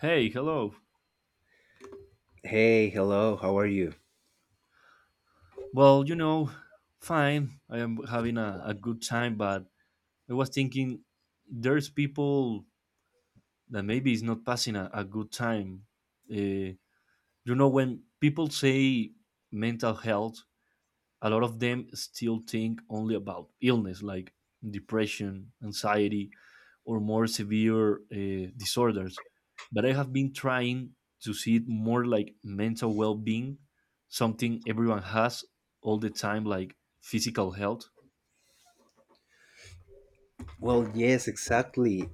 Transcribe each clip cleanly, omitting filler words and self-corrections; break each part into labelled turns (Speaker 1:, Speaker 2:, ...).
Speaker 1: Hey, hello.
Speaker 2: Hey, hello. How are you?
Speaker 1: Well, you know, fine. I am having a good time, but I was thinking there's people that maybe is not passing a good time. Uh, you know, when people say mental health, a lot of them still think only about illness like depression, anxiety, or more severe disorders. But I have been trying to see it more like mental well being, something everyone has all the time, like physical health.
Speaker 2: Well, yes, exactly.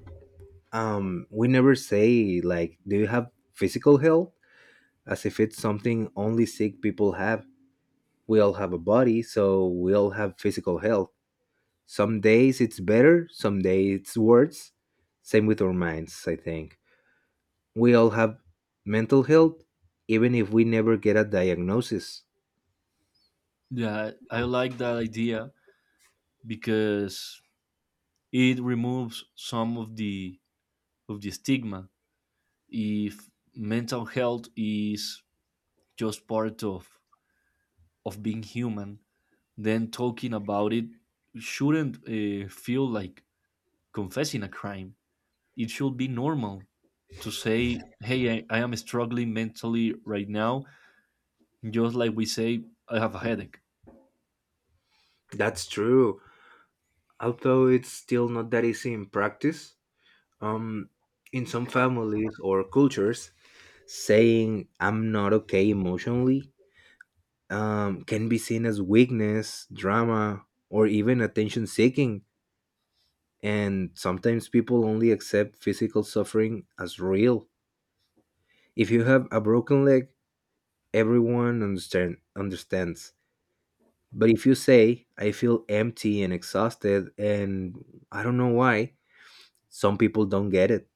Speaker 2: We never say like, do you have physical health? As if it's something only sick people have. We all have a body, so we all have physical health. Some days it's better, some days it's worse. Same with our minds, I think. We all have mental health, even if we never get a diagnosis.
Speaker 1: Yeah, I like that idea because it removes some of the stigma. If mental health is just part of being human, then talking about it shouldn't feel like confessing a crime. It should be normal to say, hey, I am struggling mentally right now, just like we say, I have a headache.
Speaker 2: That's true. Although it's still not that easy in practice. Um, in some families or cultures, saying "I'm not okay emotionally" can be seen as weakness, drama, or even attention seeking. And sometimes people only accept physical suffering as real. If you have a broken leg, everyone understands. But if you say, I feel empty and exhausted, and I don't know why, some people don't get it.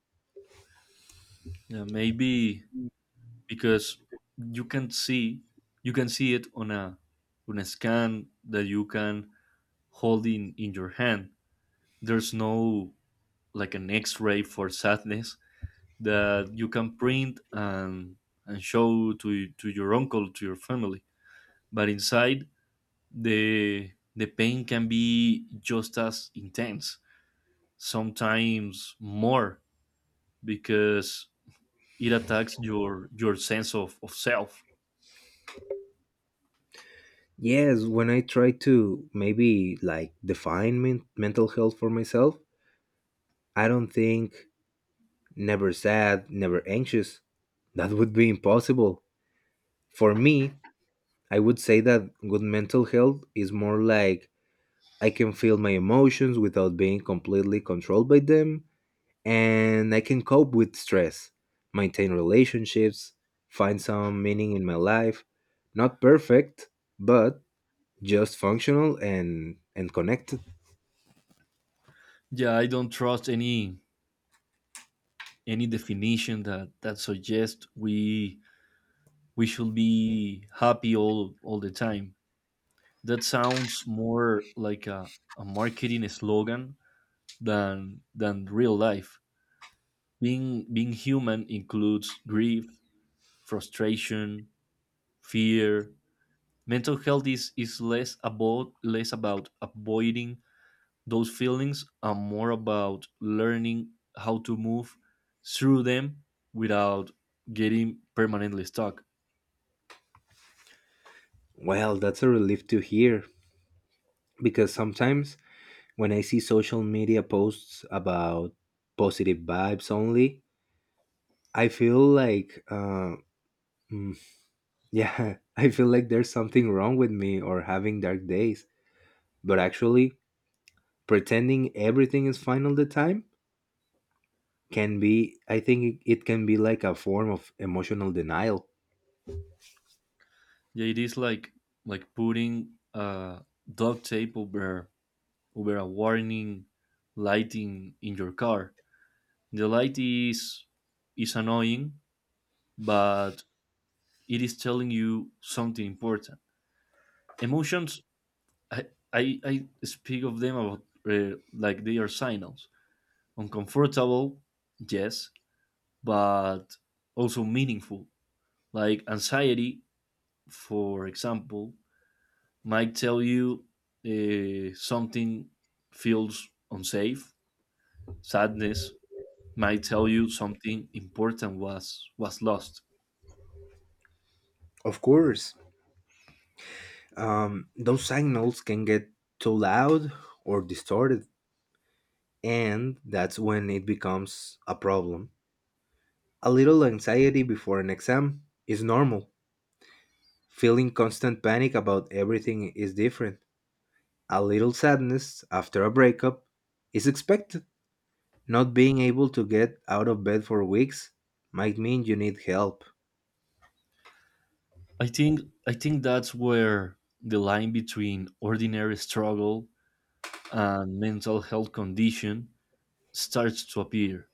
Speaker 1: Yeah, maybe because you can see you can see it on a scan that you can hold in your hand. There's no like an x-ray for sadness, that you can print and show to your uncle, to your family. But inside, the pain can be just as intense, sometimes more, because it attacks your sense of self.
Speaker 2: Yes, when I try to maybe like define mental health for myself, I don't think never sad, never anxious. That would be impossible. For me, I would say that good mental health is more like I can feel my emotions without being completely controlled by them, and I can cope with stress, maintain relationships, find some meaning in my life. Not perfect, but just functional and connected.
Speaker 1: Yeah, I don't trust any definition that suggests we should be happy all the time. That sounds more like a marketing slogan than real life. Being human includes grief, frustration, fear. Mental health is less about avoiding those feelings and more about learning how to move through them without getting permanently stuck.
Speaker 2: Well, that's a relief to hear because sometimes when I see social media posts about positive vibes only, I feel like, mm, yeah, I feel like there's something wrong with me or having dark days. But actually, pretending everything is fine all the time can be, I think it can be like a form of emotional denial.
Speaker 1: Yeah, it is like putting duct tape over a warning lighting in your car. The light is annoying, but it is telling you something important. Emotions, I I speak of them about like they are signals. Uncomfortable, yes, but also meaningful. Like anxiety, for example, might tell you something feels unsafe. Sadness might tell you something important was lost.
Speaker 2: Of course, those signals can get too loud or distorted, and that's when it becomes a problem. A little anxiety before an exam is normal. Feeling constant panic about everything is different. A little sadness after a breakup is expected. Not being able to get out of bed for weeks might mean you need help.
Speaker 1: I think I think that's where the line between ordinary struggle and mental health condition starts to appear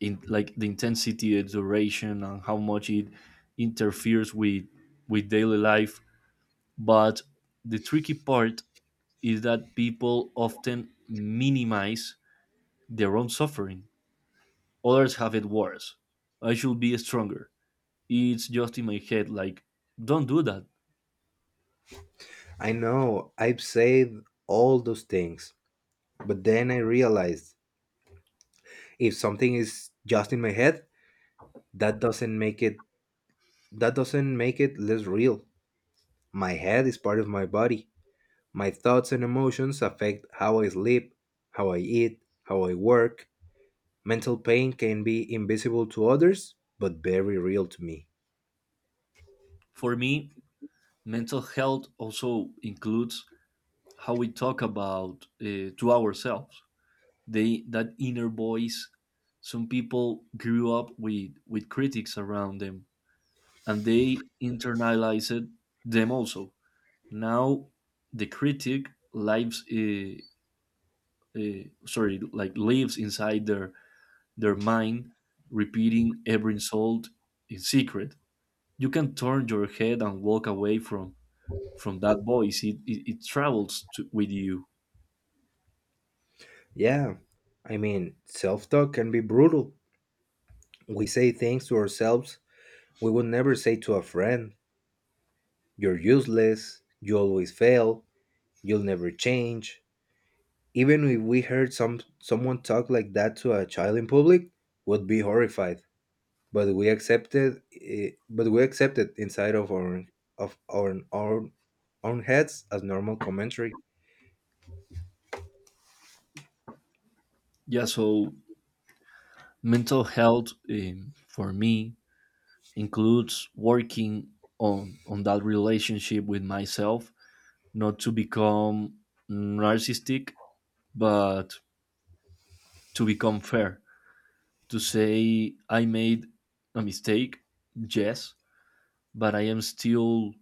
Speaker 1: in like the intensity, the duration, and how much it interferes with daily life. But the tricky part is that people often minimize their own suffering. Others have it worse. I should be stronger. It's just in my head. Like, don't do that.
Speaker 2: I know I've said all those things, but then I realized if something is just in my head, that doesn't make it that doesn't make it less real. My head is part of my body. My thoughts and emotions affect how I sleep, how I eat, how I work. Mental pain can be invisible to others, but very real to me.
Speaker 1: For me, mental health also includes how we talk about to ourselves, they that inner voice. Some people grew up with critics around them and they internalized them. Also, now the critic lives sorry like lives inside their mind, repeating every insult in secret. You can turn your head and walk away from that voice. It travels to, with you.
Speaker 2: Yeah, I mean, self talk can be brutal. We say things to ourselves we would never say to a friend. You're useless, you always fail, you'll never change. Even if we heard someone talk like that to a child in public, would be horrified. But we accepted it, but we accepted inside of our own heads as normal commentary.
Speaker 1: Yeah, so mental health for me includes working on that relationship with myself, not to become narcissistic, but to become fair, to say I made a mistake, yes, but I am still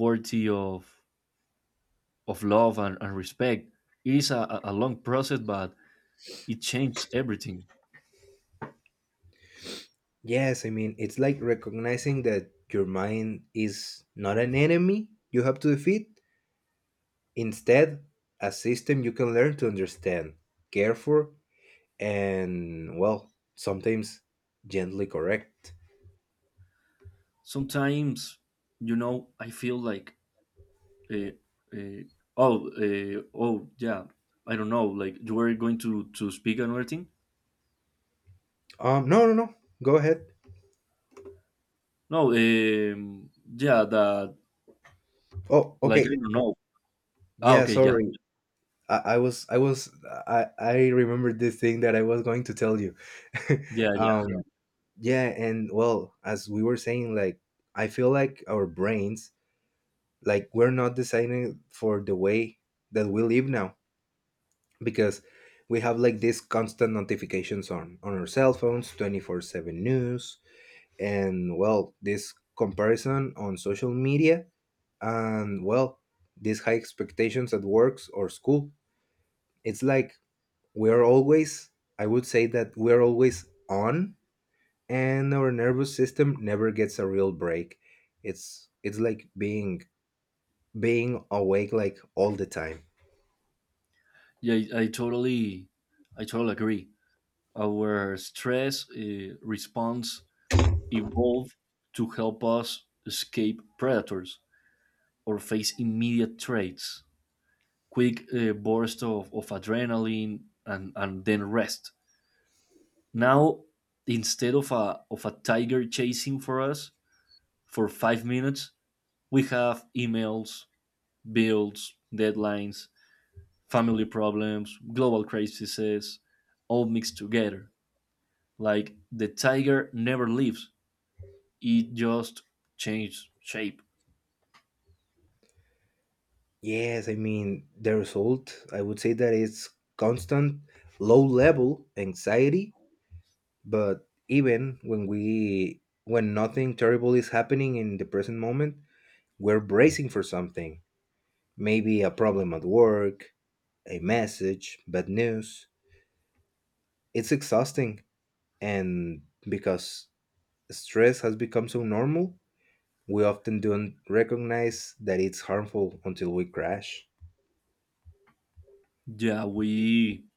Speaker 1: worthy of love and respect. It is a long process, but it changes everything.
Speaker 2: Yes, I mean it's like recognizing that your mind is not an enemy you have to defeat, instead a system you can learn to understand, care for, and well, sometimes gently correct.
Speaker 1: Sometimes, you know, I feel like uh, uh, oh yeah, I don't know, like you were going to speak another thing.
Speaker 2: No, no, no. Go ahead.
Speaker 1: No, yeah, that,
Speaker 2: Oh,
Speaker 1: like I
Speaker 2: okay.
Speaker 1: don't know. Ah,
Speaker 2: Yeah,
Speaker 1: okay, yeah.
Speaker 2: sorry. I was I was I remembered this thing that I was going to tell you.
Speaker 1: Yeah, yeah.
Speaker 2: Yeah. Yeah, and well, as we were saying, like I feel like our brains, like we're not designing for the way that we live now, because we have like these constant notifications on our cell phones, 24/7 news, and well, this comparison on social media, and well, these high expectations at works or school. It's like we're always I would say that we're always on, and our nervous system never gets a real break. It's like being awake like all the time.
Speaker 1: Yeah, I totally agree. Our stress response evolved to help us escape predators or face immediate threats, quick burst of adrenaline, and then rest. Now, instead of a tiger chasing for us for 5 minutes, we have emails, bills, deadlines, family problems, global crises, all mixed together. Like the tiger never leaves; it just changes shape.
Speaker 2: Yes, I mean the result, I would say that it's constant low level anxiety, but even when nothing terrible is happening in the present moment, we're bracing for something, maybe a problem at work, a message, bad news. It's exhausting. And because stress has become so normal, we often don't recognize that it's harmful until we crash.
Speaker 1: Yeah, we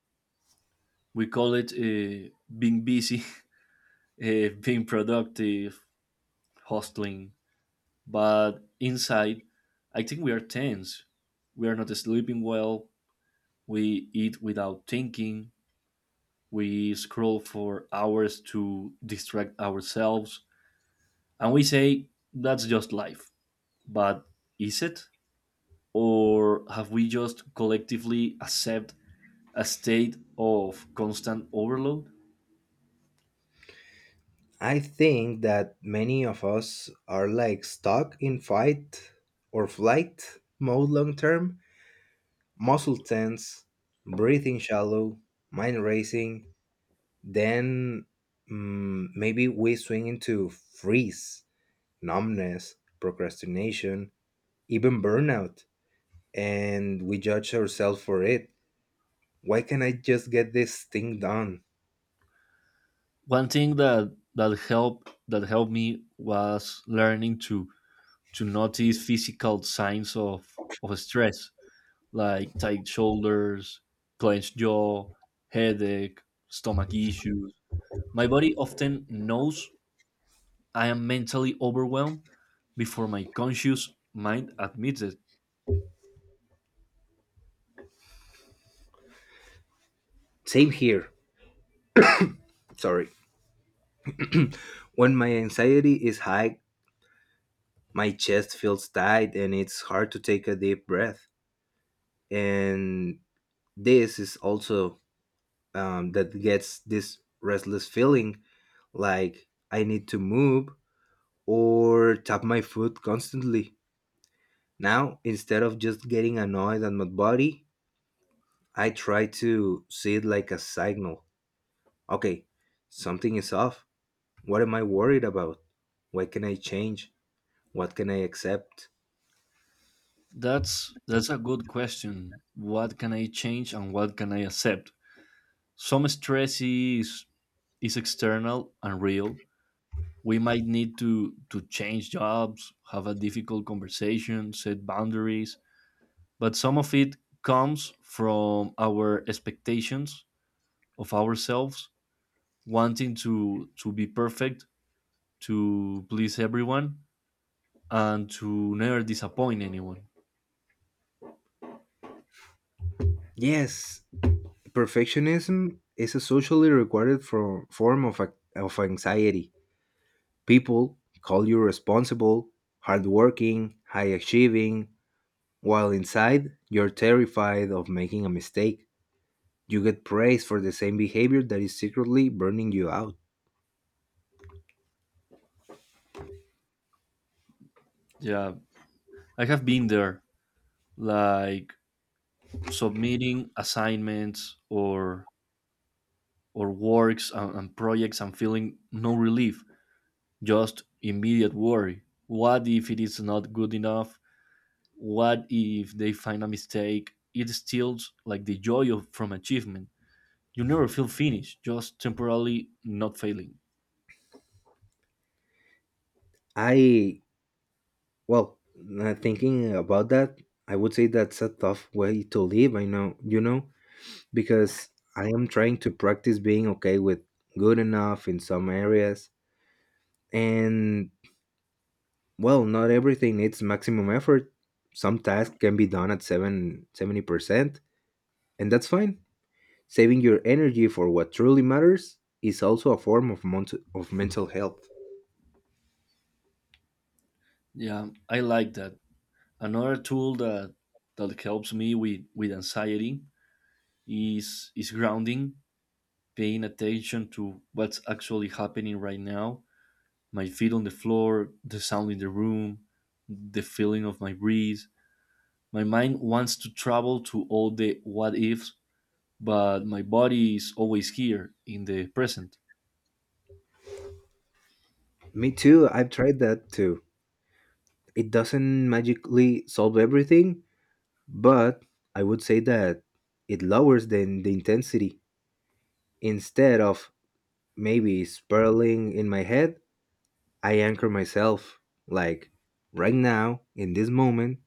Speaker 1: we call it being busy, being productive, hustling. But inside, I think we are tense. We are not sleeping well. We eat without thinking. We scroll for hours to distract ourselves. And we say, that's just life. But is it? Or have we just collectively accept a state of constant overload?
Speaker 2: I think that many of us are like stuck in fight or flight mode long term, muscle tense, breathing shallow, mind racing. Then maybe we swing into freeze, numbness, procrastination, even burnout, and we judge ourselves for it. Why can't I just get this thing done?
Speaker 1: One thing that that helped me was learning to notice physical signs of stress, like tight shoulders, clenched jaw, headache, stomach issues. My body often knows I am mentally overwhelmed before my conscious mind admits it.
Speaker 2: Same here. Sorry. When my anxiety is high, my chest feels tight and it's hard to take a deep breath. And this is also, that gets this restless feeling like I need to move or tap my foot constantly. Now, instead of just getting annoyed at my body, I try to see it like a signal. Okay, something is off. What am I worried about? What can I change? What can I accept?
Speaker 1: That's a good question. What can I change and what can I accept? Some stress is external and real. We might need to change jobs, have a difficult conversation, set boundaries, but some of it comes from our expectations of ourselves, wanting to be perfect, to please everyone, and to never disappoint anyone.
Speaker 2: Yes, perfectionism is a socially required form of anxiety. People call you responsible, hardworking, high achieving, while inside you're terrified of making a mistake. You get praised for the same behavior that is secretly burning you out.
Speaker 1: Yeah, I have been there, like submitting assignments or works and projects, and feeling no relief, just immediate worry. What if it is not good enough? What if they find a mistake? It steals like the joy of, from achievement. You never feel finished, just temporarily not failing.
Speaker 2: I, well, thinking about that, I would say that's a tough way to live. I know, because I am trying to practice being okay with good enough in some areas. And well, not everything needs maximum effort. Some tasks can be done at 70%, and that's fine. Saving your energy for what truly matters is also a form of mental health.
Speaker 1: Yeah, I like that. Another tool that helps me with anxiety is grounding, paying attention to what's actually happening right now. My feet on the floor, the sound in the room, the feeling of my breeze. My mind wants to travel to all the what ifs, but my body is always here in the present.
Speaker 2: Me too, I've tried that too. It doesn't magically solve everything, but I would say that it lowers the intensity. Instead of maybe spiraling in my head, I anchor myself. Like right now, in this moment,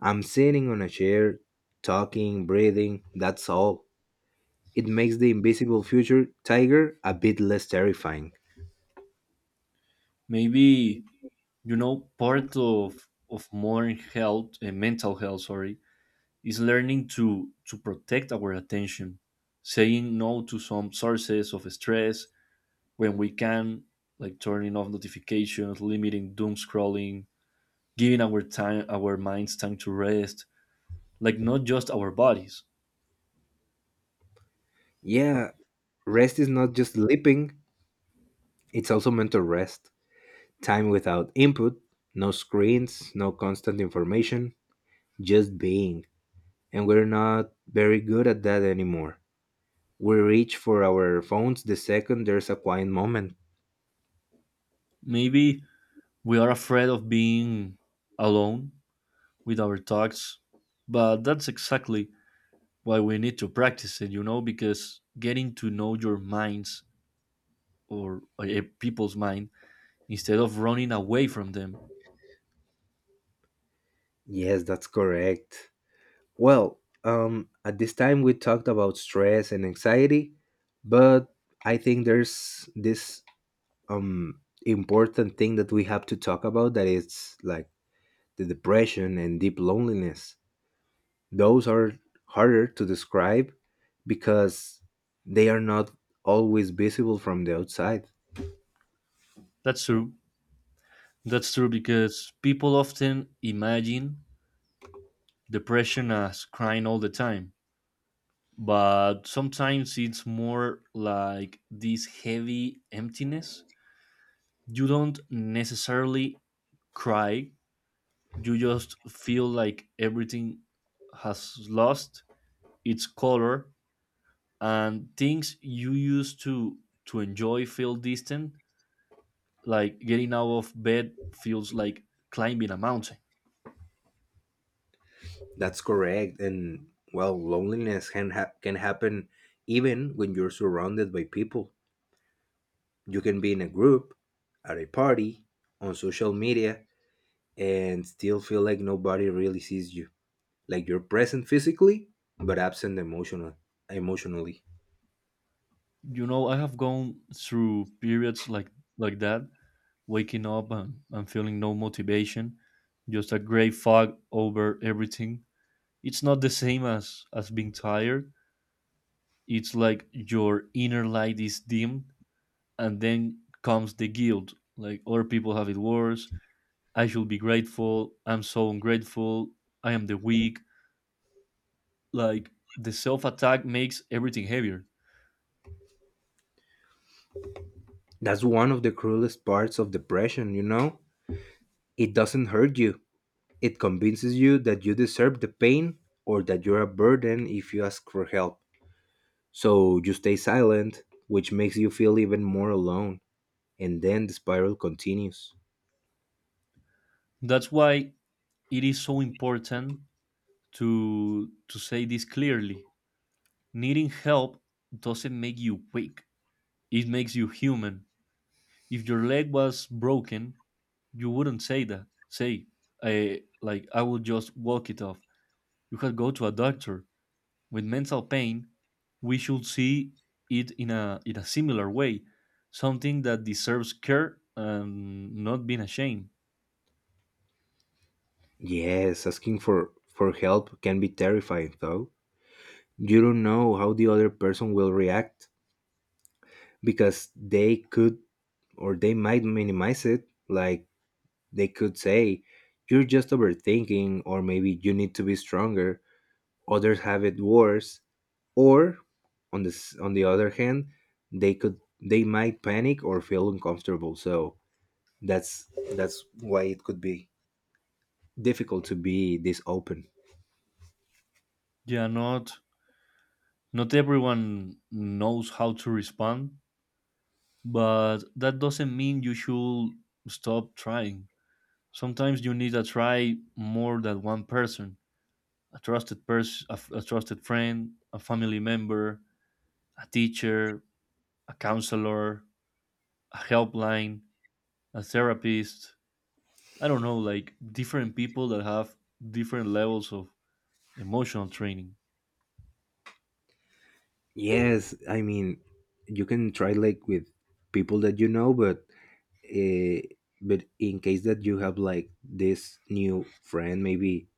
Speaker 2: I'm sitting on a chair, talking, breathing, that's all. It makes the invisible future tiger a bit less terrifying.
Speaker 1: Maybe, you know, part of modern health and mental health, sorry, is learning to protect our attention, saying no to some sources of stress when we can, like turning off notifications, limiting doom scrolling, giving our time, our minds time to rest, like not just our bodies.
Speaker 2: Yeah, rest is not just sleeping, it's also mental rest. Time without input, no screens, no constant information, just being. And we're not very good at that anymore. We reach for our phones the second there's a quiet moment.
Speaker 1: Maybe we are afraid of being alone with our thoughts, but that's exactly why we need to practice it, you know, because getting to know your minds, or a people's mind, instead of running away from them.
Speaker 2: Yes, that's correct. Well, at this time we talked about stress and anxiety, but I think there's this important thing that we have to talk about, that it's like the depression and deep loneliness. Those are harder to describe because they are not always visible from the outside.
Speaker 1: That's true. That's true because people often imagine depression as crying all the time, but sometimes it's more like this heavy emptiness. You don't necessarily cry, you just feel like everything has lost its color, and things you used to enjoy feel distant, like getting out of bed feels like climbing a mountain.
Speaker 2: That's correct. And well, loneliness can happen even when you're surrounded by people. You can be in a group, at a party, on social media, and still feel like nobody really sees you. Like you're present physically, but absent emotionally.
Speaker 1: You know, I have gone through periods like that, waking up and feeling no motivation, just a gray fog over everything. It's not the same as being tired. It's like your inner light is dimmed, and then comes the guilt, like other people have it worse, I should be grateful, I'm so ungrateful, I am the weak, like the self attack makes everything heavier.
Speaker 2: That's one of the cruelest parts of depression, you know? It doesn't hurt you. It convinces you that you deserve the pain, or that you're a burden if you ask for help. So you stay silent, which makes you feel even more alone, and then the spiral continues.
Speaker 1: That's why it is so important to say this clearly. Needing help doesn't make you weak, it makes you human. If your leg was broken, you wouldn't say, I like I will just walk it off, you could go to a doctor. With mental pain, we should see it in a similar way, something that deserves care and not being ashamed.
Speaker 2: Yes, asking for help can be terrifying, though. You don't know how the other person will react, because they could, or they might minimize it. Like they could say, You're just overthinking, or maybe you need to be stronger. Others have it worse. Or on the other hand, they might panic or feel uncomfortable. So That's that's why it could be difficult to be this open.
Speaker 1: Yeah, not everyone knows how to respond, but that doesn't mean you should stop trying. Sometimes you need to try more than one person, a trusted person, a trusted friend, a family member, a teacher, a counselor, a helpline, a therapist. I don't know, like different people that have different levels of emotional training.
Speaker 2: Yes, I mean you can try like with people that you know, but uh, but in case that you have like this new friend, maybe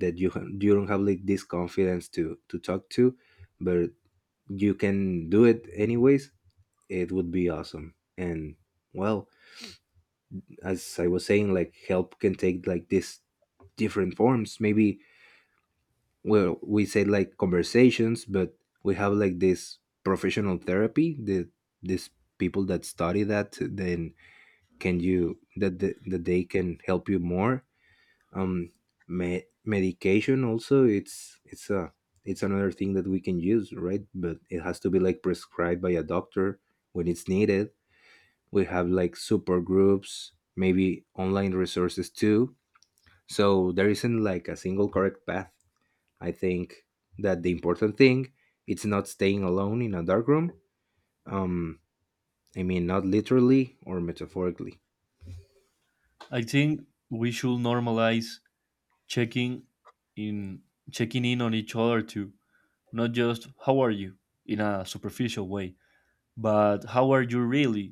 Speaker 2: that you don't have like this confidence to talk to, but you can do it anyways. It would be awesome. And well, as I was saying, like help can take like this different forms. Maybe, well, we say like conversations, but we have like this professional therapy, these people that study that then can you, that that they can help you more. Um me- medication also, it's a it's another thing that we can use, right? But it has to be like prescribed by a doctor when it's needed. We have like super groups, maybe online resources too. So there isn't like a single correct path. I think that the important thing, it's not staying alone in a dark room. Um, I mean, not literally or metaphorically.
Speaker 1: I think we should normalize checking in checking in on each other too, not just how are you in a superficial way, but how are you really?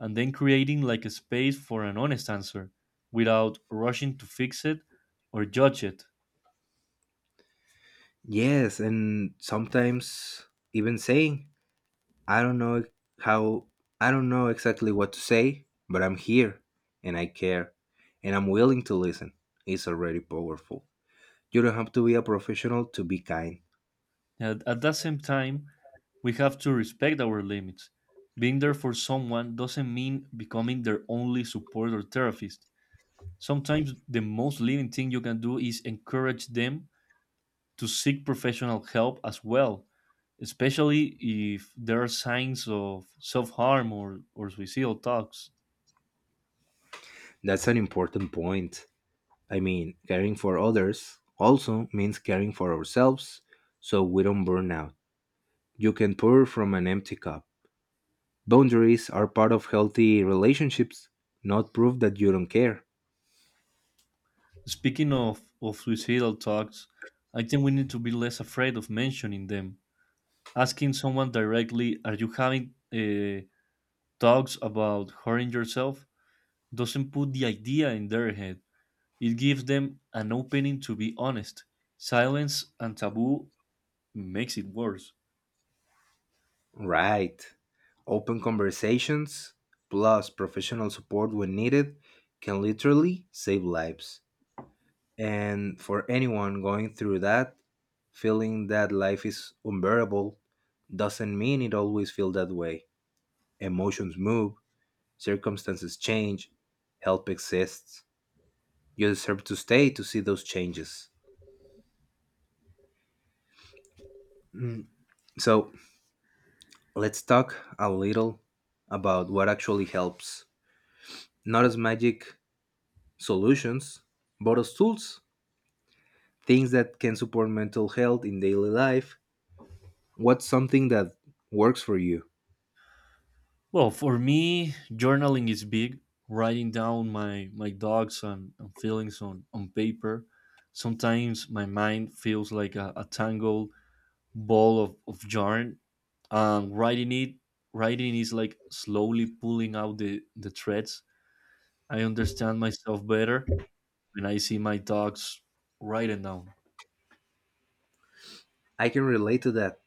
Speaker 1: And then creating like a space for an honest answer without rushing to fix it or judge it.
Speaker 2: Yes, and sometimes even saying, I don't know how, I don't know exactly what to say, but I'm here and I care and I'm willing to listen, is already powerful. You don't have to be a professional to be kind.
Speaker 1: At the same time, we have to respect our limits. Being there for someone doesn't mean becoming their only support or therapist. Sometimes the most living thing you can do is encourage them to seek professional help as well, especially if there are signs of self harm, or suicidal thoughts.
Speaker 2: That's an important point. I mean, caring for others also means caring for ourselves so we don't burn out. You can pour from an empty cup. Boundaries are part of healthy relationships, not proof that you don't care.
Speaker 1: Speaking of suicidal thoughts, I think we need to be less afraid of mentioning them. Asking someone directly, are you having thoughts about hurting yourself, doesn't put the idea in their head. It gives them an opening to be honest. Silence and taboo makes it worse.
Speaker 2: Right. Open conversations plus professional support when needed can literally save lives. And for anyone going through that, feeling that life is unbearable doesn't mean it always feels that way. Emotions move, circumstances change, help exists. You deserve to stay to see those changes. So let's talk a little about what actually helps. Not as magic solutions, but as tools, things that can support mental health in daily life. What's something that works for you?
Speaker 1: Well, for me, journaling is big. Writing down my, my thoughts and feelings on paper. Sometimes my mind feels like a tangle ball of yarn, and writing is like slowly pulling out the threads. I understand myself better when I see my dogs writing down.
Speaker 2: I can relate to that.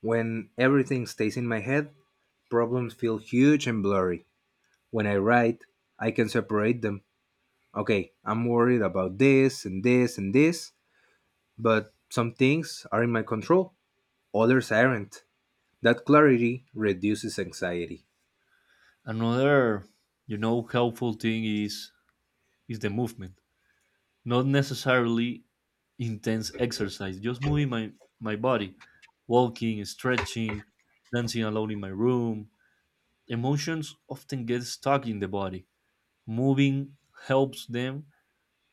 Speaker 2: When everything stays in my head, problems feel huge and blurry. When I write, I can separate them. Okay, I'm worried about this and this and this, but some things are in my control, others aren't. That clarity reduces anxiety.
Speaker 1: Another, you know, helpful thing is the movement, not necessarily intense exercise, just moving my body, walking, stretching, dancing alone in my room. Emotions often get stuck in the body, moving helps them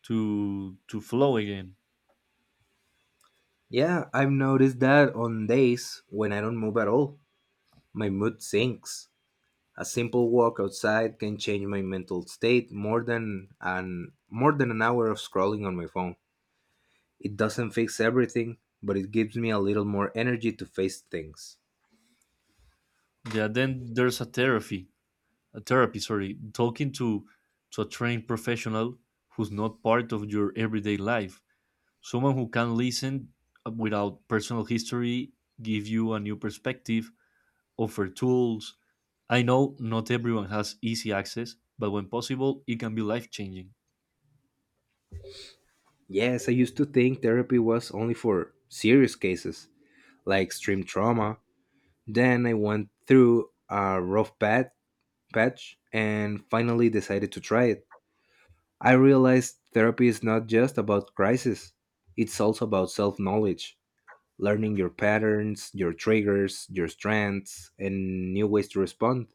Speaker 1: to flow again.
Speaker 2: Yeah, I've noticed that on days when I don't move at all, my mood sinks. A simple walk outside can change my mental state more than an hour of scrolling on my phone. It doesn't fix everything, but it gives me a little more energy to face things.
Speaker 1: Yeah, then there's a therapy. Sorry, talking to a trained professional who's not part of your everyday life, someone who can listen without personal history, give you a new perspective, offer tools. I know not everyone has easy access, but when possible, it can be life changing.
Speaker 2: Yes, I used to think therapy was only for serious cases, like extreme trauma. Then I went through a rough patch and finally decided to try it. I realized therapy is not just about crisis, it's also about self knowledge, learning your patterns, your triggers, your strengths, and new ways to respond.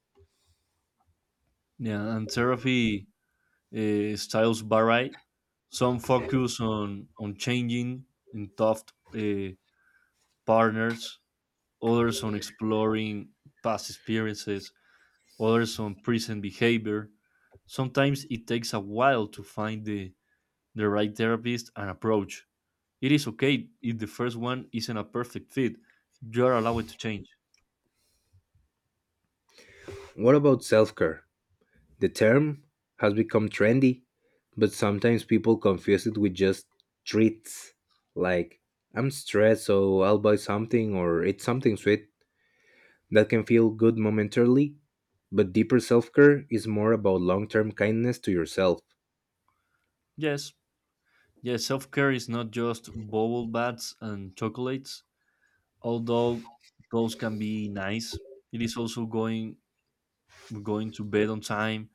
Speaker 1: Yeah, and therapy styles vary. Some focus on changing in tough uh, partners, others on exploring past experiences, others on present behavior. Sometimes it takes a while to find the right therapist and approach. It is okay if the first one isn't a perfect fit, you're allowed to change.
Speaker 2: What about self care? The term has become trendy, but sometimes people confuse it with just treats like I'm stressed, so I'll buy something or eat something sweet that can feel good momentarily, but deeper self care is more about long term kindness to yourself.
Speaker 1: Yes, yes, self care is not just bubble baths and chocolates, although those can be nice. It is also going to bed on time,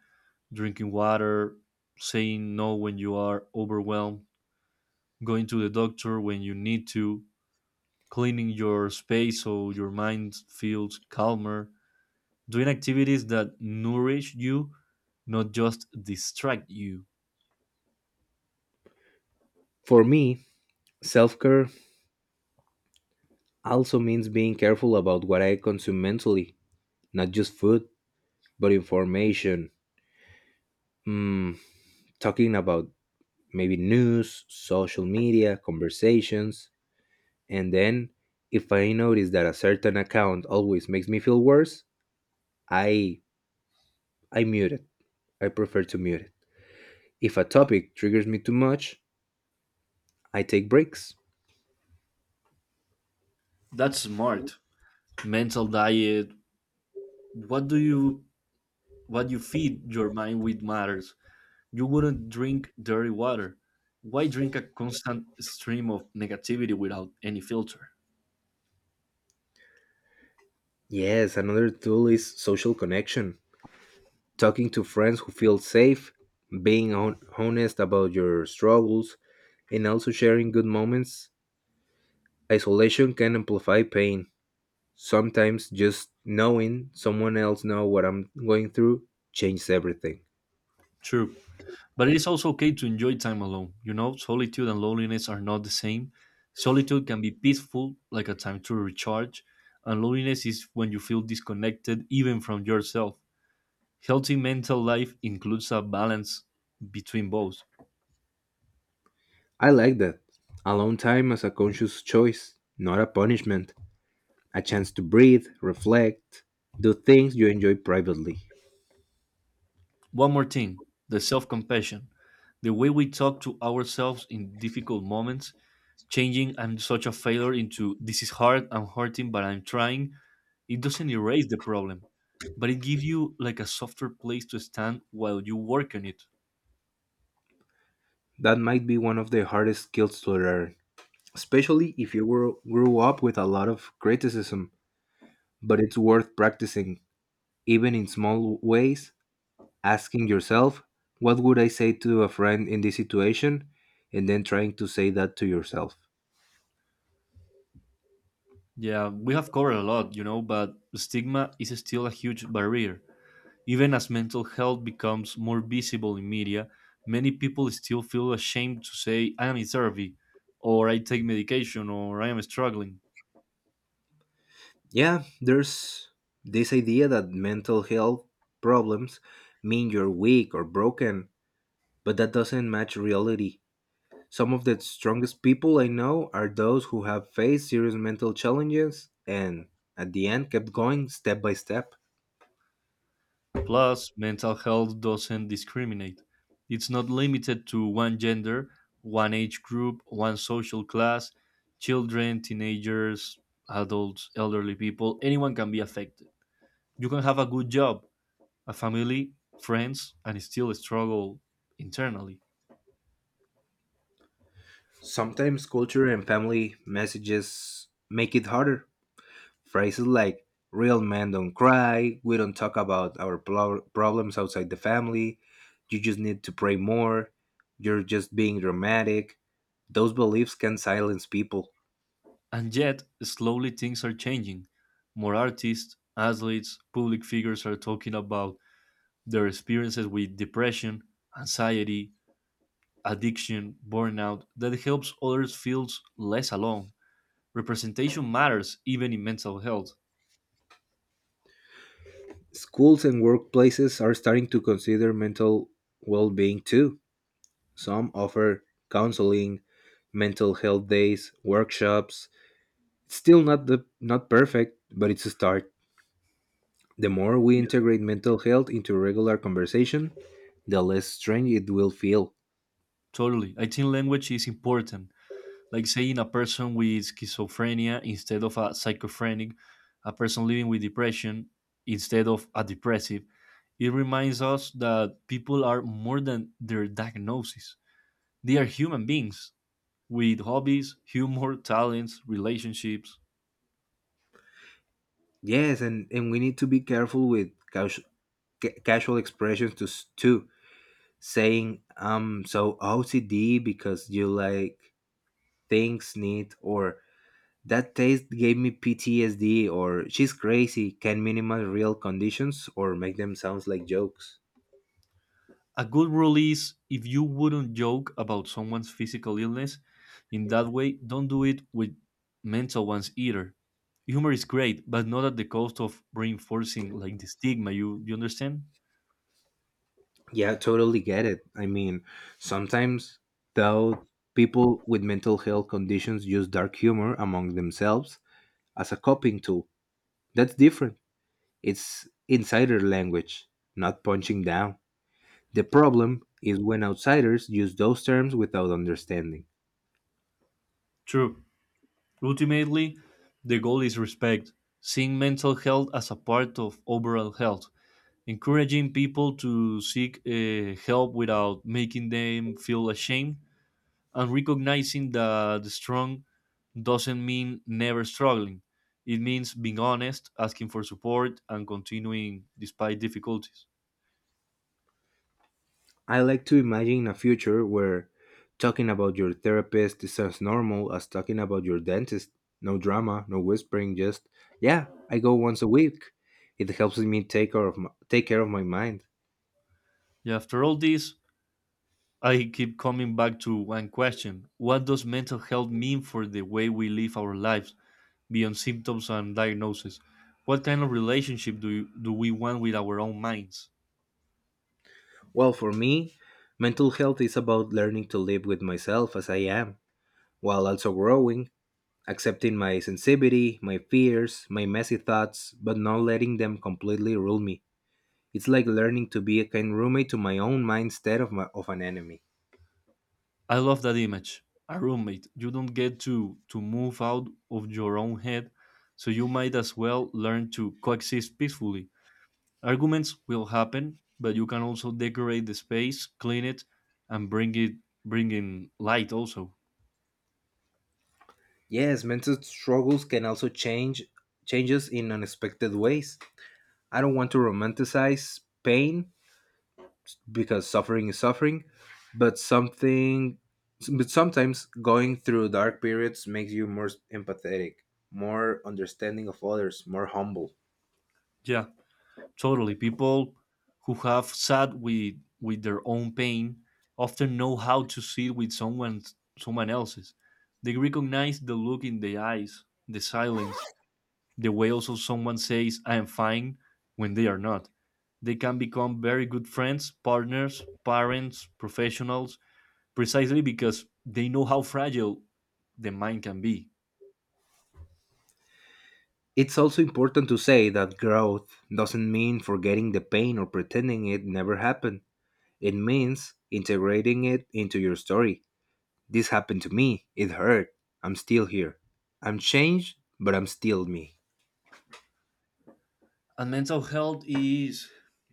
Speaker 1: drinking water, saying no when you are overwhelmed, going to the doctor when you need to, cleaning your space so your mind feels calmer, doing activities that nourish you, not just distract you.
Speaker 2: For me, self care also means being careful about what I consume mentally, not just food, but information. Mm, Talking about maybe news, social media, conversations, and then if I notice that a certain account always makes me feel worse, I I mute it. I prefer to mute it. If a topic triggers me too much, I take breaks.
Speaker 1: That's smart. Mental diet. What do you what you feed your mind with matters. You wouldn't drink dirty water. Why drink a constant stream of negativity without any filter?
Speaker 2: Yes, another tool is social connection. Talking to friends who feel safe, being honest about your struggles, and also sharing good moments. Isolation can amplify pain. Sometimes just knowing someone else know what I'm going through changes everything.
Speaker 1: True. But it is also okay to enjoy time alone. You know, solitude and loneliness are not the same. Solitude can be peaceful, like a time to recharge, and loneliness is when you feel disconnected even from yourself. Healthy mental life includes a balance between both.
Speaker 2: I like that. Alone time as a conscious choice, not a punishment. A chance to breathe, reflect, do things you enjoy privately.
Speaker 1: One more thing, the self compassion. The way we talk to ourselves in difficult moments, changing I'm such a failure into this is hard, I'm hurting, but I'm trying. It doesn't erase the problem, but it gives you like a softer place to stand while you work on it.
Speaker 2: That might be one of the hardest skills to learn, especially if grew up with a lot of criticism, but it's worth practicing, even in small ways, asking yourself, what would I say to a friend in this situation? And then trying to say that to yourself.
Speaker 1: Yeah, we have covered a lot, you know, but stigma is still a huge barrier. Even as mental health becomes more visible in media, many people still feel ashamed to say, I am in therapy, or I take medication, or I am struggling.
Speaker 2: Yeah, there's this idea that mental health problems mean you're weak or broken, but that doesn't match reality. Some of the strongest people I know are those who have faced serious mental challenges and, at the end, kept going step by step.
Speaker 1: Plus, mental health doesn't discriminate. It's not limited to one gender, one age group, one social class. Children, teenagers, adults, elderly people, anyone can be affected. You can have a good job, a family, friends, and still struggle internally.
Speaker 2: Sometimes culture and family messages make it harder. Phrases like, real men don't cry, we don't talk about our problems outside the family, you just need to pray more, you're just being dramatic. Those beliefs can silence people.
Speaker 1: And yet, slowly things are changing. More artists, athletes, public figures are talking about their experiences with depression, anxiety, addiction, burnout that helps others feel less alone. Representation matters even in mental health.
Speaker 2: Schools and workplaces are starting to consider mental well being too. Some offer counseling, mental health days, workshops. It's still not perfect, but it's a start. The more we
Speaker 1: Yeah.
Speaker 2: integrate mental health into regular conversation, the less strange it will feel.
Speaker 1: Totally. I think language is important. Like saying a person with schizophrenia instead of a psychophrenic, a person living with depression instead of a depressive. It reminds us that people are more than their diagnosis. They are human beings with hobbies, humor, talents, relationships.
Speaker 2: Yes, and we need to be careful with casu- casual expressions to too. Saying I'm so OCD because you like things neat, or that taste gave me PTSD, or she's crazy can minimize real conditions or make them sound like jokes.
Speaker 1: A good rule is if you wouldn't joke about someone's physical illness in that way, don't do it with mental ones either. Humor is great, but not at the cost of reinforcing like the stigma, you understand?
Speaker 2: Yeah, totally get it. I mean, sometimes though people with mental health conditions use dark humor among themselves as a coping tool. That's different. It's insider language, not punching down. The problem is when outsiders use those terms without understanding.
Speaker 1: True. Ultimately, the goal is respect, seeing mental health as a part of overall health, encouraging people to seek help without making them feel ashamed, and recognizing that the strong doesn't mean never struggling. It means being honest, asking for support, and continuing despite difficulties.
Speaker 2: I like to imagine a future where talking about your therapist is as normal as talking about your dentist. No drama, no whispering, just, yeah, I go once a week. It helps me take care of my mind.
Speaker 1: Yeah, after all this, I keep coming back to one question. What does mental health mean for the way we live our lives beyond symptoms and diagnoses? What kind of relationship do we want with our own minds?
Speaker 2: Well, for me, mental health is about learning to live with myself as I am, while also growing, accepting my sensitivity, my fears, my messy thoughts, but not letting them completely rule me. It's like learning to be a kind roommate to my own mind instead of an enemy.
Speaker 1: I love that image. A roommate. You don't get to move out of your own head, so you might as well learn to coexist peacefully. Arguments will happen, but you can also decorate the space, clean it, and bring in light also.
Speaker 2: Yes, mental struggles can also changes in unexpected ways. I don't want to romanticize pain because suffering is suffering, but something but sometimes going through dark periods makes you more empathetic, more understanding of others, more humble.
Speaker 1: Yeah, totally. People who have sat with their own pain often know how to sit with someone else's. They recognize the look in the eyes, the silence, the way also someone says, I am fine, when they are not. They can become very good friends, partners, parents, professionals, precisely because they know how fragile the mind can be.
Speaker 2: It's also important to say that growth doesn't mean forgetting the pain or pretending it never happened. It means integrating it into your story. This happened to me. It hurt. I'm still here. I'm changed, but I'm still me.
Speaker 1: And mental health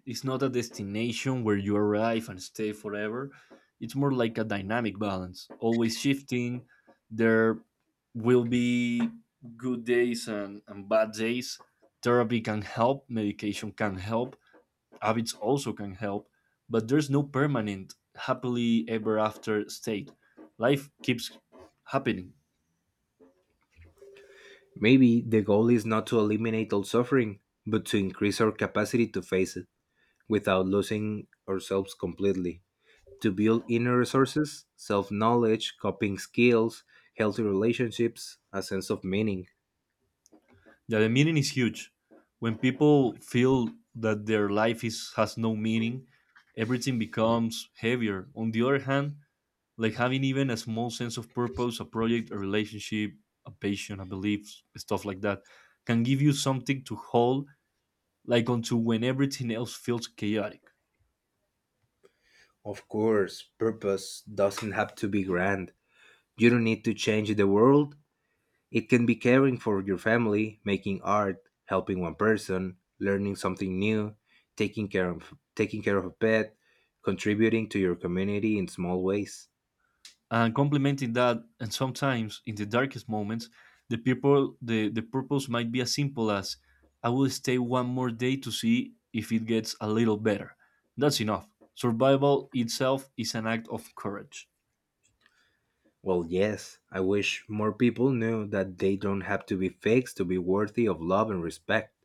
Speaker 1: is not a destination where you arrive and stay forever. It's more like a dynamic balance, always shifting. There will be good days and bad days. Therapy can help, medication can help, habits also can help, but there's no permanent happily ever after state. Life keeps happening.
Speaker 2: Maybe the goal is not to eliminate all suffering, but to increase our capacity to face it without losing ourselves completely. To build inner resources, self knowledge, coping skills, healthy relationships, a sense of meaning.
Speaker 1: Yeah, the meaning is huge. When people feel that their life is has no meaning, everything becomes heavier. On the other hand, like having even a small sense of purpose, a project, a relationship, a passion, a belief, stuff like that, can give you something to hold like onto when everything else feels chaotic.
Speaker 2: Of course, purpose doesn't have to be grand. You don't need to change the world. It can be caring for your family, making art, helping one person, learning something new, taking care of a pet, contributing to your community in small ways.
Speaker 1: And complementing that, and sometimes in the darkest moments, the purpose might be as simple as I will stay one more day to see if it gets a little better. That's enough. Survival itself is an act of courage.
Speaker 2: Well, yes, I wish more people knew that they don't have to be fixed to be worthy of love and respect.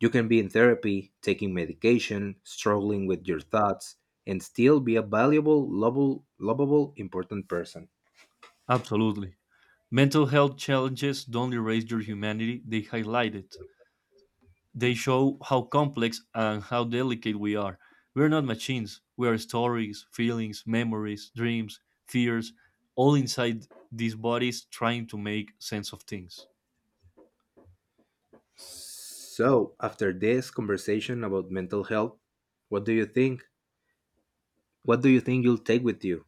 Speaker 2: You can be in therapy, taking medication, struggling with your thoughts, and still be a valuable, lovable, important person.
Speaker 1: Absolutely. Mental health challenges don't erase your humanity, they highlight it. They show how complex and how delicate we are. We're not machines. We are stories, feelings, memories, dreams, fears, all inside these bodies trying to make sense of things.
Speaker 2: So, after this conversation about mental health, what do you think? What do you think you'll take with you?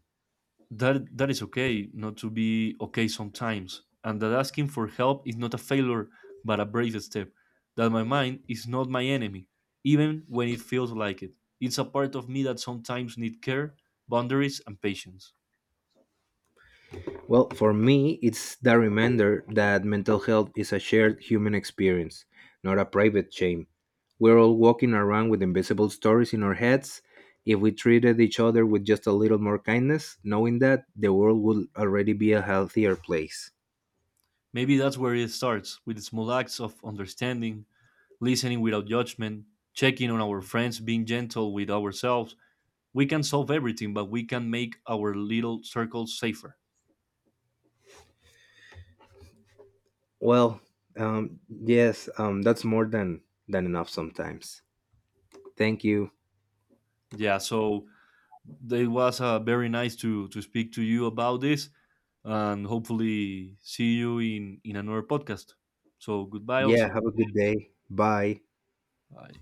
Speaker 1: That is okay not to be okay sometimes, and that asking for help is not a failure but a brave step. That my mind is not my enemy, even when it feels like it. It's a part of me that sometimes need care, boundaries and patience.
Speaker 2: Well, for me, it's the reminder that mental health is a shared human experience, not a private shame. We're all walking around with invisible stories in our heads. If we treated each other with just a little more kindness, knowing that, the world would already be a healthier place.
Speaker 1: Maybe that's where it starts, with small acts of understanding, listening without judgment, checking on our friends, being gentle with ourselves. We can solve everything, but we can make our little circles safer.
Speaker 2: Well, yes, that's more than enough sometimes. Thank you.
Speaker 1: Yeah, so it was very nice to speak to you about this and hopefully see you in another podcast. So goodbye
Speaker 2: Yeah, have
Speaker 1: also.
Speaker 2: a good day. Bye.
Speaker 1: Bye.